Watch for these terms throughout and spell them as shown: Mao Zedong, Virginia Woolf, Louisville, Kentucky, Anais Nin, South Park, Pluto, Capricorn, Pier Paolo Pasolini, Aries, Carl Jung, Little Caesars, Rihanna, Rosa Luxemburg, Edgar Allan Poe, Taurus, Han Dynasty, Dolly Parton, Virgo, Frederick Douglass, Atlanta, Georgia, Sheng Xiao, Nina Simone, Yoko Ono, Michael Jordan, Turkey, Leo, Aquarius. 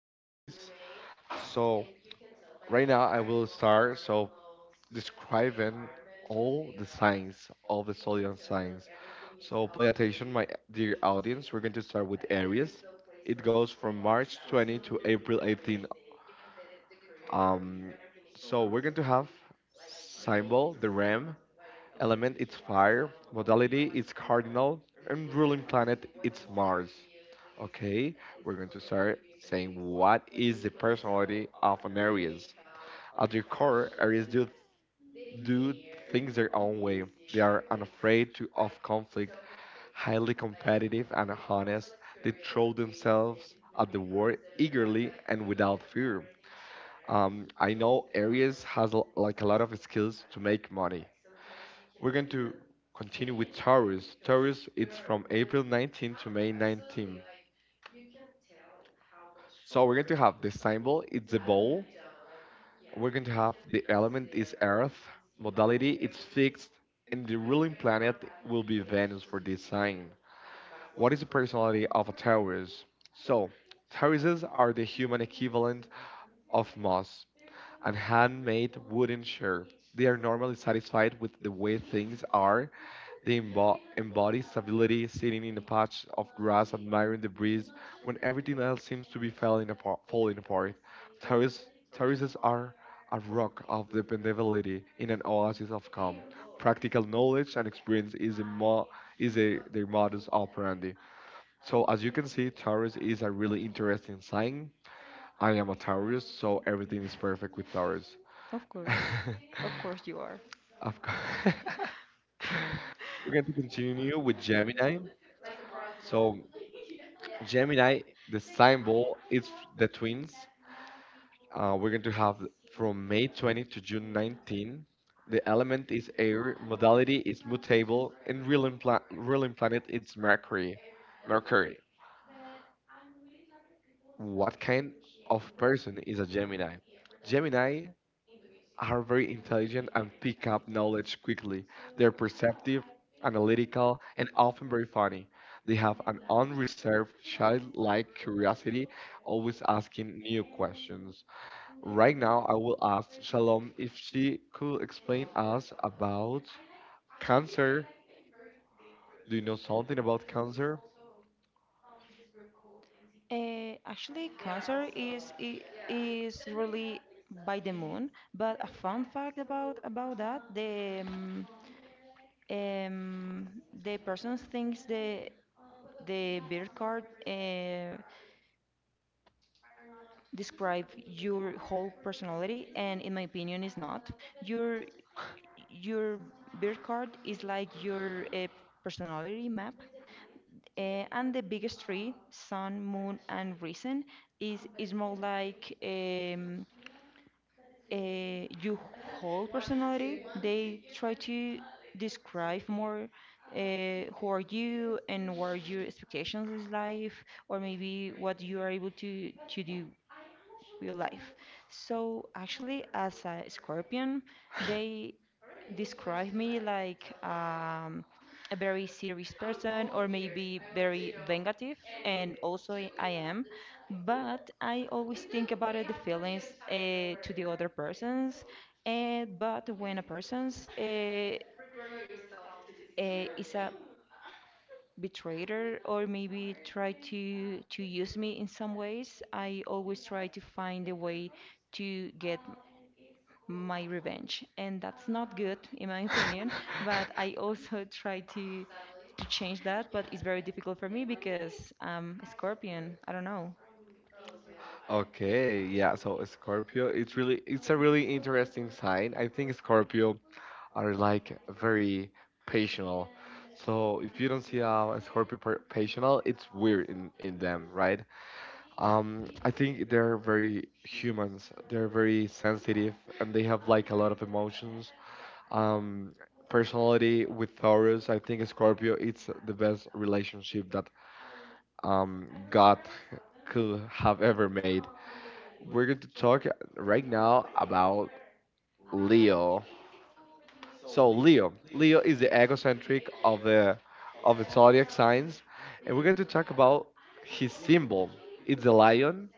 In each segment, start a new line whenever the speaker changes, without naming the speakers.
about this. So, right now I will start describing all the signs of the zodiac signs. So, play attention, my dear audience. We're going to start with Aries. It goes from March 20 to April 18. Um, so we're going to have symbol the ram. Element it's fire, modality it's cardinal, and ruling planet it's Mars. Okay, we're going to start saying what is the personality of an Aries. At their core, Aries do things their own way. They are unafraid to of conflict, highly competitive and honest. They throw themselves at the war eagerly and without fear. I know Aries has like a lot of skills to make money. We're going to continue with Taurus. Taurus, it's from April 19 to May 19. So we're going to have the symbol, it's a bowl. We're going to have the element is Earth. Modality, it's fixed. And the ruling planet will be Venus for this sign. What is the personality of a Taurus? So, Tauruses are the human equivalent of Mars and handmade wooden chair. They are normally satisfied with the way things are. They embody stability, sitting in a patch of grass, admiring the breeze when everything else seems to be falling apart. Terrace- terraces are a rock of dependability in an oasis of calm. Practical knowledge and experience is their modus operandi. So as you can see, Taurus is a really interesting sign. I am a Taurus, so everything is perfect with Taurus.
Of course. Of course you are.
Of course. We're going to continue with Gemini. So Gemini, the symbol is the twins. We're going to have from May 20 to June 19. The element is air, modality is mutable, and ruling planet is Mercury. Mercury. What kind of person is a Gemini? Gemini are very intelligent and pick up knowledge quickly. They're perceptive, analytical, and often very funny. They have an unreserved, childlike curiosity, always asking new questions. Right now, I will ask Shalom if she could explain us about cancer. Do you know something about cancer?
Actually, Cancer is is really by the moon, but a fun fact about that, the person thinks the birth card describe your whole personality, and in my opinion, is not. Your your birth card is like your personality map, and the biggest three, sun, moon, and reason, is more like. Your whole personality. They try to describe more who are you and what are your expectations in life, or maybe what you are able to do with your life. So actually, as a Scorpion, they describe me like a very serious person or maybe very vengeful, and also I am, but I always think about it, the feelings to the other persons. But when a person's is a betrayer or maybe try to use me in some ways, I always try to find a way to get my revenge, and that's not good in my opinion, but I also try to change that, but it's very difficult for me because I'm a Scorpion. I don't know.
Okay, yeah, so Scorpio, it's a really interesting sign. I think Scorpio are like very patient. So if you don't see a Scorpio patient, it's weird in them, right? I think they're very humans. They're very sensitive and they have like a lot of emotions. Um, personality with Taurus, I think Scorpio it's the best relationship that God could have ever made. We're going to talk right now about Leo. So Leo is the egocentric of the zodiac signs, and we're going to talk about his symbol. It's a lion.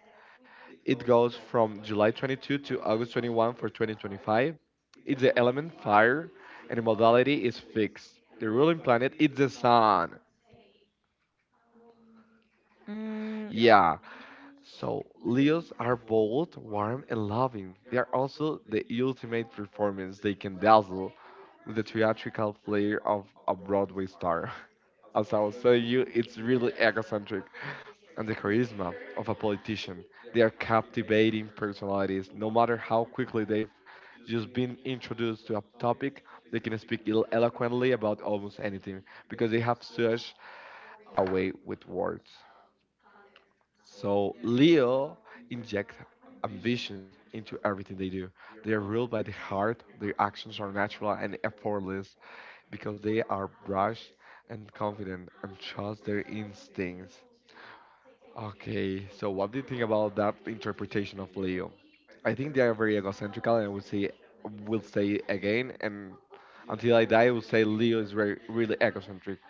It goes from July 22 to August 21 for 2025. It's the element fire, and the modality is fixed. The ruling planet is the sun.
Mm,
Yeah. So Leos are bold, warm, and loving. They are also the ultimate performance. They can dazzle with the theatrical flair of a Broadway star. As I was telling you, it's really egocentric. And the charisma of a politician. They are captivating personalities. No matter how quickly they've just been introduced to a topic, they can speak eloquently about almost anything because they have such a way with words. So Leo inject ambition into everything they do. They are ruled by the heart, their actions are natural and effortless because they are brash and confident and trust their instincts. Okay, so what do you think about that interpretation of Leo? I think they are very egocentric, and I would say, will say again, and until I die, I will say Leo is very, really egocentric.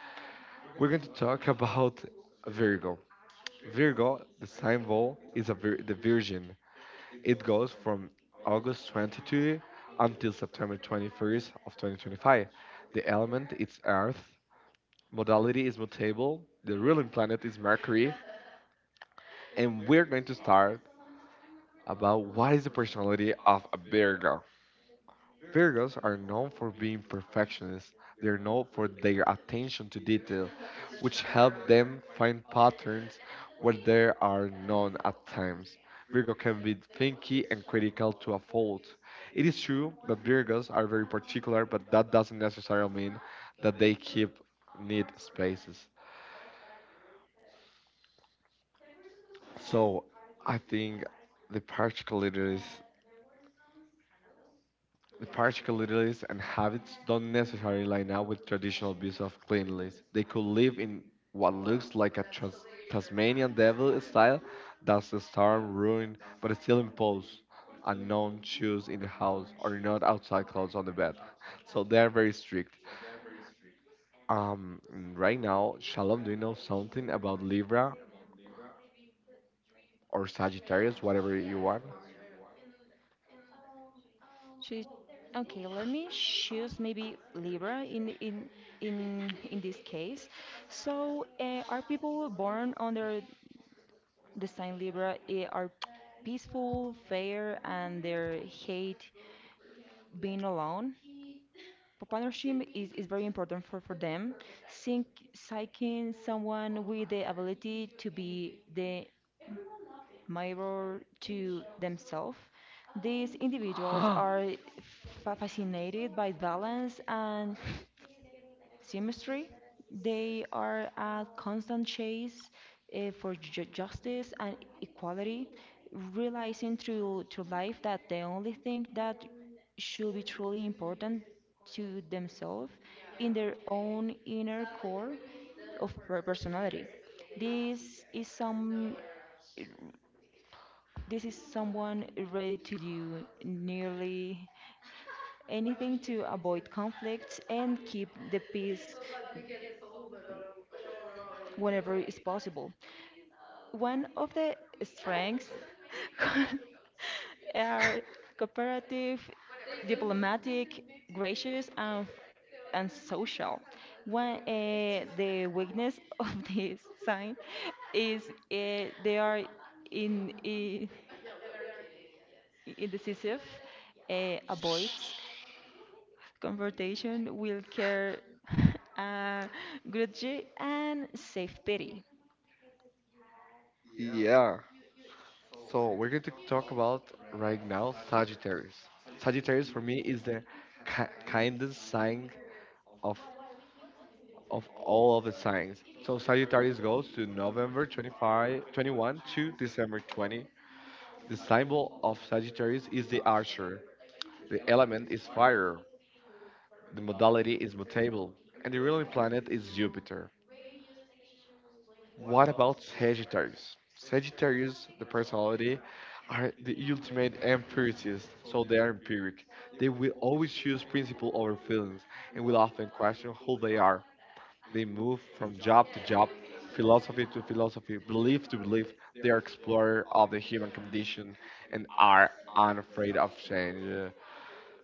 We're going to talk about Virgo. Virgo, the sign symbol is the virgin. It goes from August 22 until September 21st of 2025. The element is Earth, modality is mutable, the ruling planet is Mercury, and we're going to start about what is the personality of a Virgo. Virgos are known for being perfectionists. They are known for their attention to detail, which help them find patterns where there are none at times. Virgo can be thinky and critical to a fault. It is true that Virgos are very particular, but that doesn't necessarily mean that they keep neat spaces. So I think the particularities, the particularities and habits don't necessarily line up with traditional views of cleanliness. They could live in what looks like a Tasmanian devil style, that's the storm ruin, but still impose unknown shoes in the house or not outside clothes on the bed. So they're very strict. Um, right now, Shalom, do you know something about Libra, or Sagittarius, whatever you want?
should okay, let me choose maybe Libra in this case. So, are people born under the sign Libra eh, are peaceful, fair, and they hate being alone? Partnership is very important for them. Think, seeking someone with the ability to be the mirror to themselves. These individuals are fascinated by balance and symmetry. They are a constant chase eh, for justice and equality, realizing through life that the only thing that should be truly important to themselves in their own inner core of personality. This is some this is someone ready to do nearly anything to avoid conflicts and keep the peace whenever is possible. One of the strengths are cooperative, diplomatic, gracious, and social. One, the weakness of this sign is they are in, I indecisive, avoids confrontation, will care, uh, grudge, and self pity.
Yeah. So we're going to talk about right now Sagittarius. Sagittarius for me is the ki kindest sign of of all of the signs. So Sagittarius goes to November 25, 21 to December 20. The symbol of Sagittarius is the archer. The element is fire. The modality is mutable. And the ruling planet is Jupiter. What about Sagittarius? Sagittarius, the personality, are the ultimate empiricists, so they are empiric. They will always choose principle over feelings and will often question who they are. They move from job to job, philosophy to philosophy, belief to belief. They are explorer of the human condition and are unafraid of change.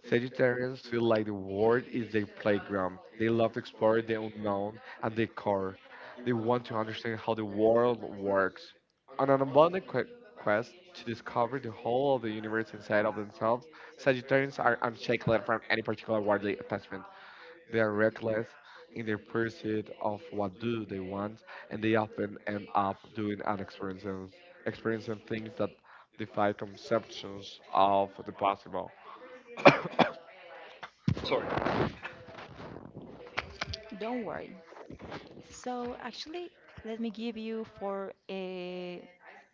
Sagittarians feel like the world is their playground. They love to explore the unknown and the core. They want to understand how the world works. On an abundant quest to discover the whole of the universe inside of themselves, Sagittarians are unshakable from any particular worldly attachment. They are reckless in their pursuit of what do they want, and they often end up doing and experiencing things that defy conceptions of the possible. Sorry.
Don't worry. So, actually, let me give you four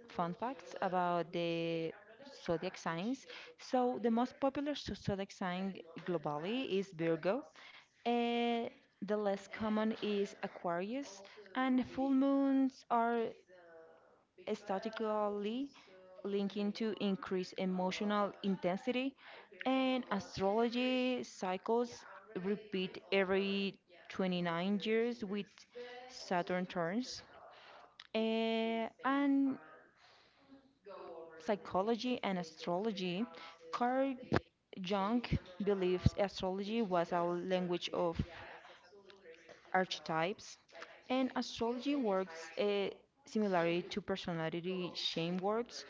fun facts about the zodiac signs. So, the most popular zodiac sign globally is Virgo. Uh, the less common is Aquarius, and full moons are statistically linking to increased emotional intensity, and astrology cycles repeat every 29 years with Saturn turns. Eh, and psychology and astrology, Carl Jung believes astrology was a language of archetypes, and astrology works similarly to personality shame works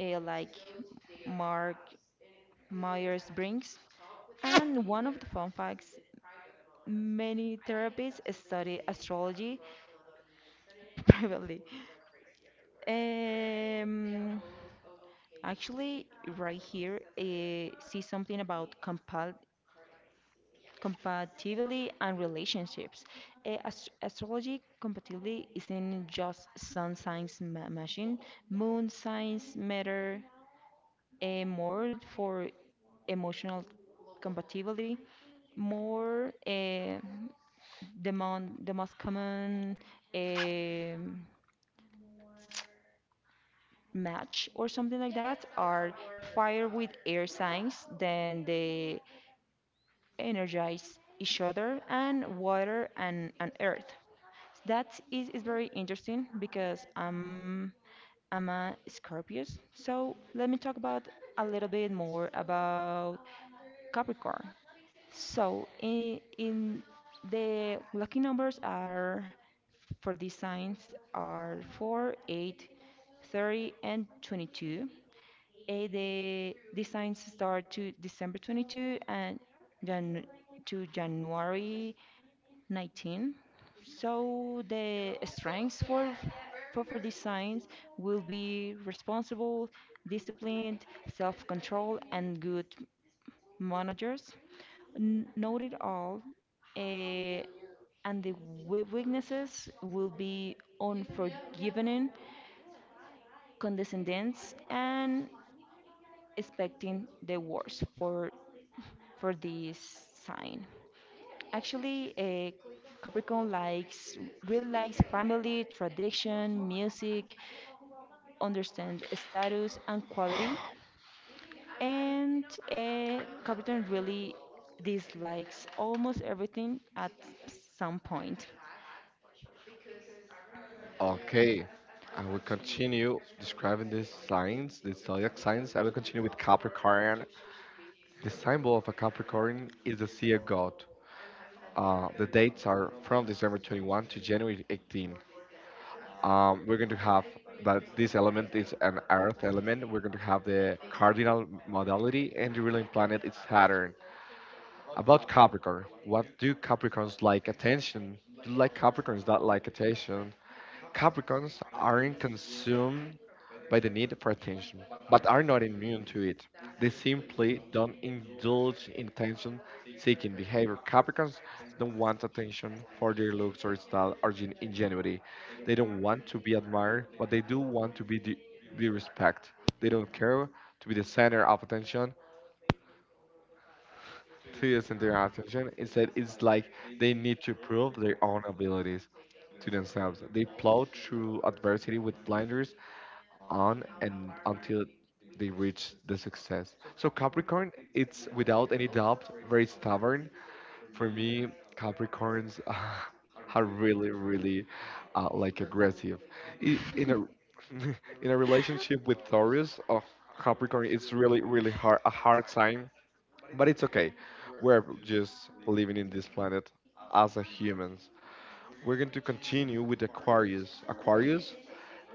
like Mark Myers-Briggs. And one of the fun facts, many therapists study astrology privately. Um, actually, right here, see something about compul compatibility and relationships. Eh, astrology compatibility isn't just sun signs machine, moon signs matter eh, more for emotional compatibility, more eh, the most common eh, match or something like that are fire with air signs than the energize each other and water and earth. That is very interesting because I'm a Scorpius. So let me talk about a little bit more about Capricorn. So in the lucky numbers are for these signs are 4, 8, 30, and 22. Eh, the these signs start to December 22 and Jan to January 19. So the strengths for proper designs will be responsible, disciplined, self-control, and good managers. Note it all, eh, and the weaknesses will be unforgiving, condescending, and expecting the worst for this sign. Actually, Capricorn likes really likes family, tradition, music, understand status and quality, and Capricorn really dislikes almost everything at some point.
Okay, I will continue describing these signs, the zodiac signs. I will continue with Capricorn. The symbol of a Capricorn is the sea of God. The dates are from December 21 to January 18. We're going to have that this element is an earth element. We're going to have the cardinal modality and the ruling planet is Saturn. About Capricorn, what do Capricorns like attention? Do like Capricorns that like attention? Capricorns aren't consumed by the need for attention, but are not immune to it. They simply don't indulge in attention seeking behavior. Capricorns don't want attention for their looks or style or ingenuity. They don't want to be admired, but they do want to be respected. They don't care to be the center of attention. Instead, it's like they need to prove their own abilities to themselves. They plow through adversity with blinders on and until they reach the success. So Capricorn, it's without any doubt very stubborn. For me, Capricorns are really, really like aggressive. In a in a relationship with Taurus, oh, Capricorn, it's really, really hard a hard time. But it's okay. We're just living in this planet as a humans. We're going to continue with Aquarius. Aquarius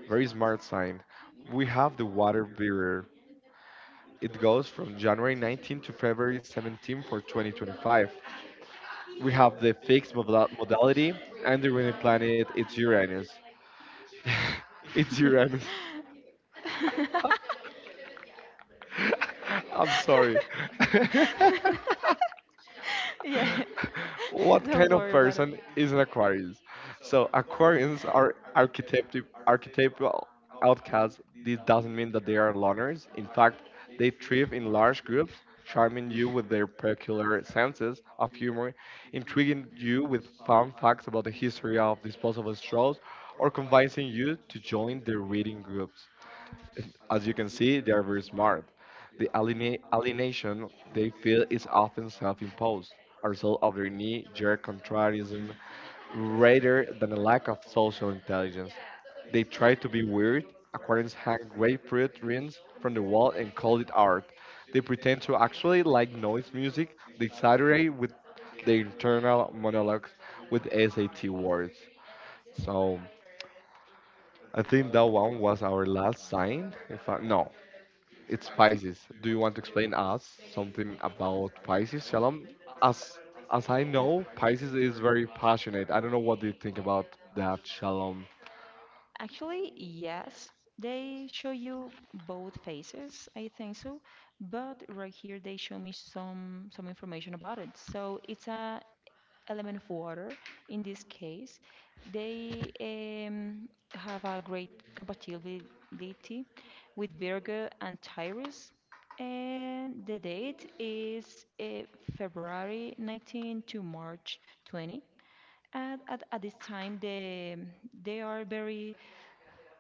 very smart sign. We have the water bearer. It goes from January 19 to February 17 for 2025. We have the fixed modality, and the winning planet it's Uranus. It's Uranus. I'm sorry.
Yeah,
What
don't
kind of
worry about it.
person is an Aquarius? So Aquarians are archetypal outcasts. This doesn't mean that they are loners. In fact, they thrive in large groups, charming you with their peculiar senses of humor, intriguing you with fun facts about the history of disposable straws, or convincing you to join their reading groups. As you can see, they are very smart. The alienation they feel is often self imposed, a result of their knee jerk contrarianism rather than a lack of social intelligence. They try to be weird. Aquarians hang grapefruit rings from the wall and call it art. They pretend to actually like noise music. They saturate with their internal monologues with SAT words. So I think that one was our last sign. If I, No, it's Pisces. Do you want to explain us something about Pisces, Shalom? As as I know, Pisces is very passionate. I don't know what do you think about that, Shalom.
Actually, yes, they show you both faces, I think so, but right here they show me some information about it. So it's a element of water in this case. They have a great compatibility with Virgo and Taurus, and the date is February 19 to March 20. And at this time, they are very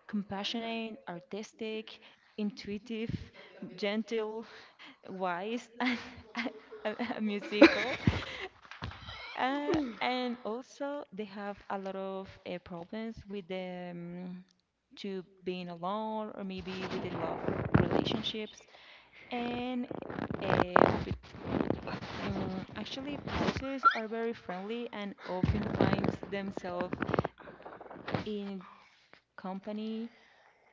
compassionate, artistic, intuitive, gentle, wise, and musical. And also, they have a lot of problems with them to being alone or maybe with the love relationships. And but actually, Pisces are very friendly and often finds themselves in company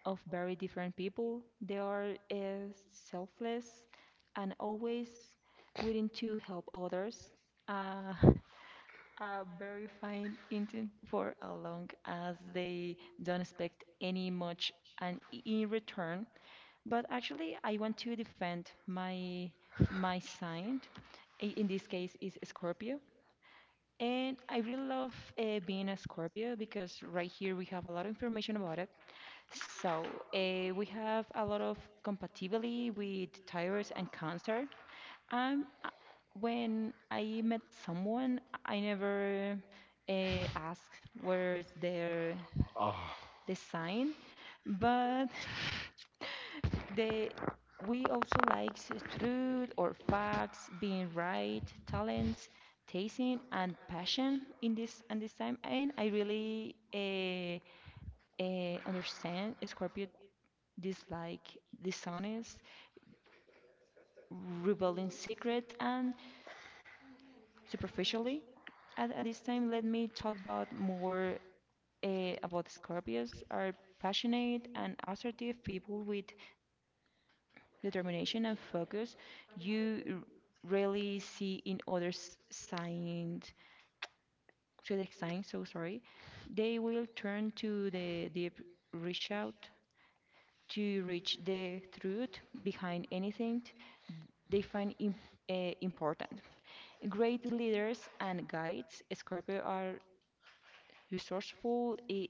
of very different people. They are selfless and always willing to help others. Uh, a very fine intent for a long as they don't expect any much and in return. But actually, I want to defend my sign. In this case, is Scorpio. And I really love being a Scorpio because right here we have a lot of information about it. So, we have a lot of compatibility with tires and cancer. Um, uh, when I met someone, I never asked where's their
Ah,
design, but they we also like truth or facts, being right, talents, tasting, and passion in this and this time. And I really understand Scorpios dislike, dishonest, rebel in secret, and superficially. At this time, let me talk about more about Scorpios are passionate and assertive people with determination and focus you rarely see in others signs, zodiac signs so sorry they will turn to the deep reach out to reach the truth behind anything they find important. Great leaders and guides, Scorpio are resourceful, eh,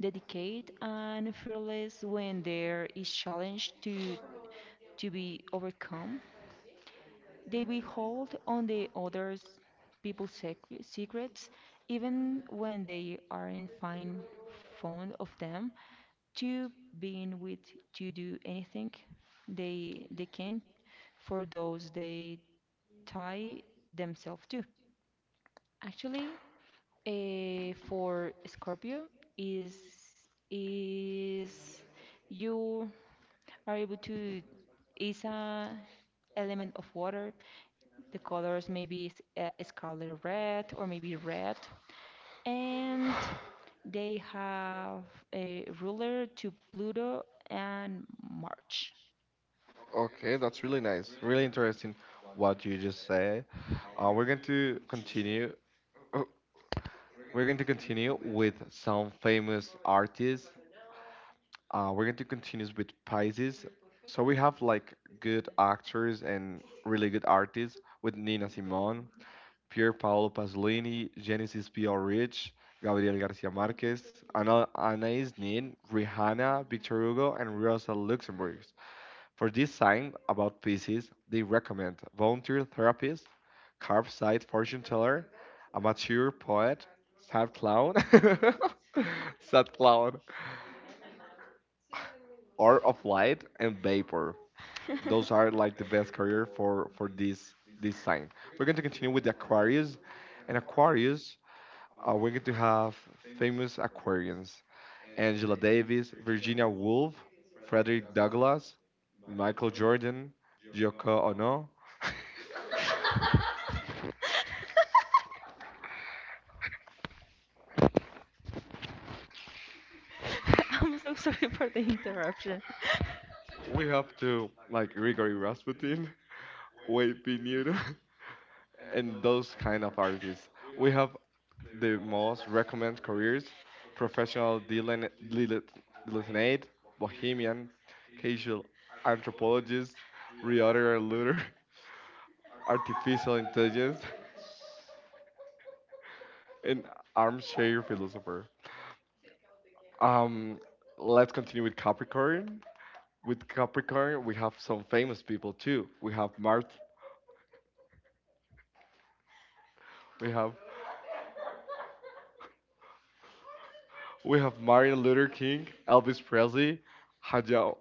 dedicated, and fearless when there is challenge to be overcome. They will hold on the others people's secrets even when they aren't fine fond of them to being with to do anything they can for those they tie themselves to actually for Scorpio is is you are able to is a element of water. The colors maybe is scarlet red or maybe red, and they have a ruler to Pluto and March.
okay, that's really nice. Really interesting what you just said. We're going to continue. Oh, we're going to continue with some famous artists. We're going to continue with Pisces. So we have like good actors and really good artists with Nina Simone. Pier Paolo Pasolini, Genesis P. L. Rich, Gabriel Garcia Marquez, Ana, Anais Nin, Rihanna, Victor Hugo, and Rosa Luxemburg. For this sign about Pisces, they recommend volunteer therapist, curbside fortune teller, amateur poet, sad clown, sad clown, or of light and vapor. Those are like the best career for this sign. We're going to continue with the Aquarius, and Aquarius we're going to have famous Aquarians Angela Davis, Virginia Woolf, Frederick Douglass, Michael Jordan, Yoko Ono.
I'm so sorry for the interruption.
We have to like Grigori Rasputin, Wade Pinheiro, and those kind of artists. We have the most recommended careers: professional dilettante, bohemian, casual anthropologist, reorder looter, artificial intelligence, an armchair philosopher. Um, let's continue with Capricorn. With Capricorn, we have some famous people too. We have we have Martin Luther King, Elvis Presley, Hayao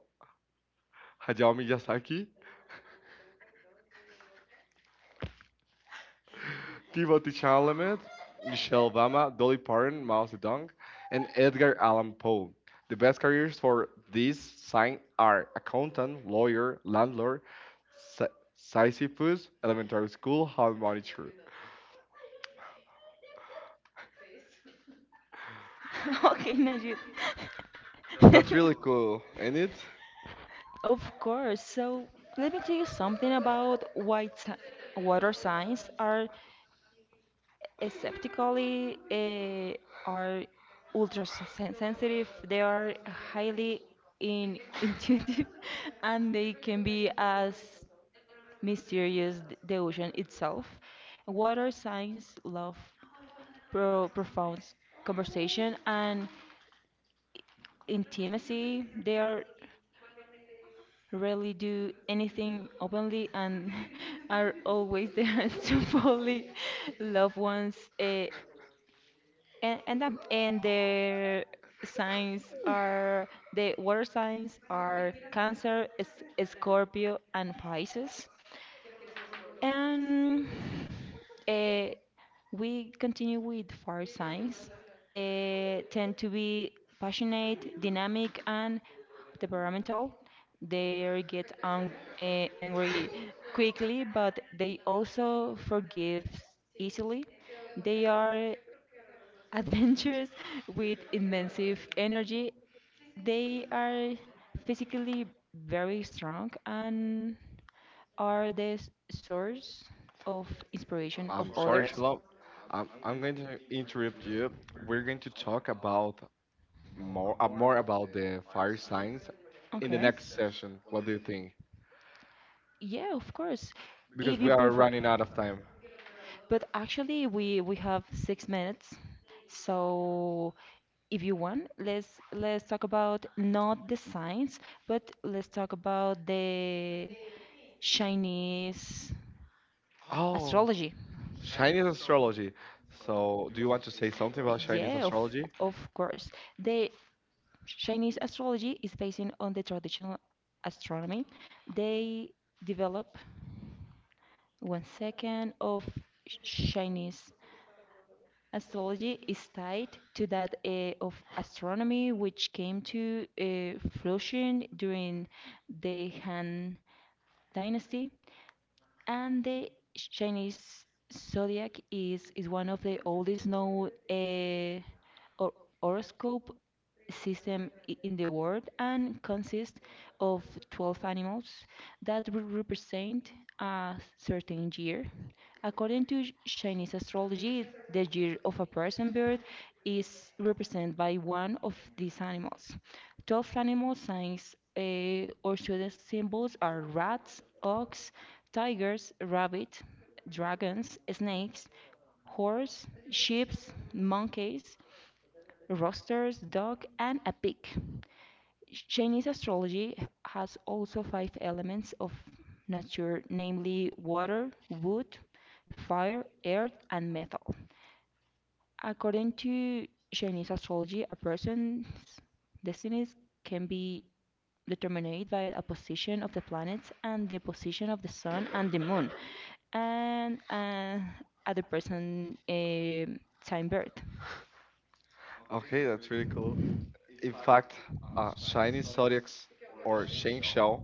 Hayao Miyazaki, Timothy Chalamet, Michelle Obama, Dolly Parton, Mao Zedong, and Edgar Allan Poe. The best careers for this sign are accountant, lawyer, landlord, Sy- Sisyphus, elementary school, hall monitor.
Okay, Najid.
That's
Let me-
really cool, ain't it?
Of course. So let me tell you something about why water signs are aseptically are sensitive. They are highly intuitive, and they can be as mysterious the ocean itself. Water signs love profound conversation and intimacy. They are rarely do anything openly and are always there to bully loved ones. And their signs are the water signs are Cancer, Scorpio, and Pisces. And uh, we continue with fire signs. Eh, tend to be passionate, dynamic, and temperamental. They get angry quickly, but they also forgive easily. They are adventurous with immense energy. They are physically very strong and are the source of inspiration
I'm
of
sorry,
others.
Shalom. I'm going to interrupt you. We're going to talk about more about the fire signs in the
Okay.
next session. What do you think?
Yeah, of course.
Because
If
we
you
are
prefer.
running out of time.
But actually we have 6 minutes. So if you want, let's talk about not the science, but let's talk about the Chinese
Oh,
astrology.
Chinese astrology. So, do you want to say something about Chinese
Yeah, of
astrology?
of course. The Chinese astrology is based on the traditional astronomy. They develop One second of Chinese astrology is tied to that of astronomy, which came to fruition during the Han Dynasty, and the Chinese zodiac is one of the oldest known hor- horoscope system in the world and consists of 12 animals that will represent a certain year. According to Chinese astrology, the year of a person birth is represented by one of these animals. 12 animal signs or zodiac symbols are rats, ox, tigers, rabbit, dragons, snakes, horse, sheep, monkeys, roosters, dog, and a pig. Chinese astrology has also five elements of nature, namely water, wood, fire, earth, and metal. According to Chinese astrology, a person's destinies can be determined by a position of the planets and the position of the sun and the moon, and other person time birth.
Okay, that's really cool. In fact, Chinese zodiac or Sheng Xiao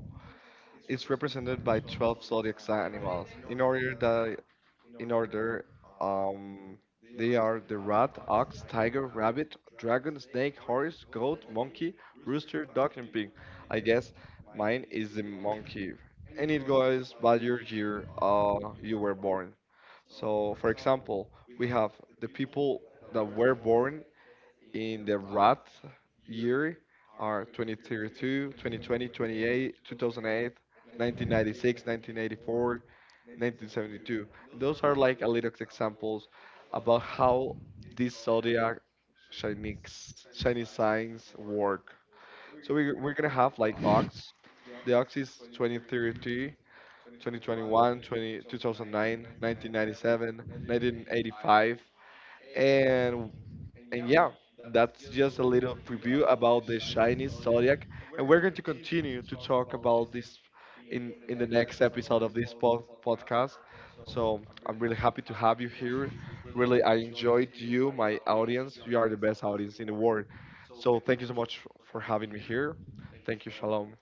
is represented by 12 zodiac sign animals in order in order. Um, they are the rat, ox, tiger, rabbit, dragon, snake, horse, goat, monkey, rooster, duck, and pig. I guess mine is the monkey, and it goes by your year you were born. So, for example, we have the people that were born in the rat year are 2032, 2020, 28, 2008, 1996, 1984, 1972. And those are like a little examples about how these zodiac Chinese signs work. So we're gonna have like Ox. The Ox is 2033, 2021, 20, 1997, 1985, and yeah, that's just a little preview about the Chinese zodiac, and we're going to continue to talk about this in the next episode of this podcast. So I'm really happy to have you here. Really, I enjoyed you, my audience. You are the best audience in the world. So thank you so much for having me here. Thank you, Shalom.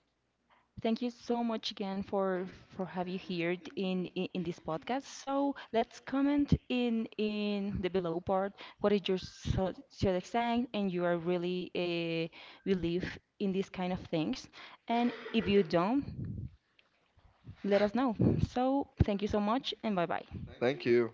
Thank you so much again for have you here in this podcast. So let's comment in the below part. What is your zodiac so, sign, and you are really believe in these kind of things. And if you don't, let us know. So thank you so much, and bye bye.
Thank you.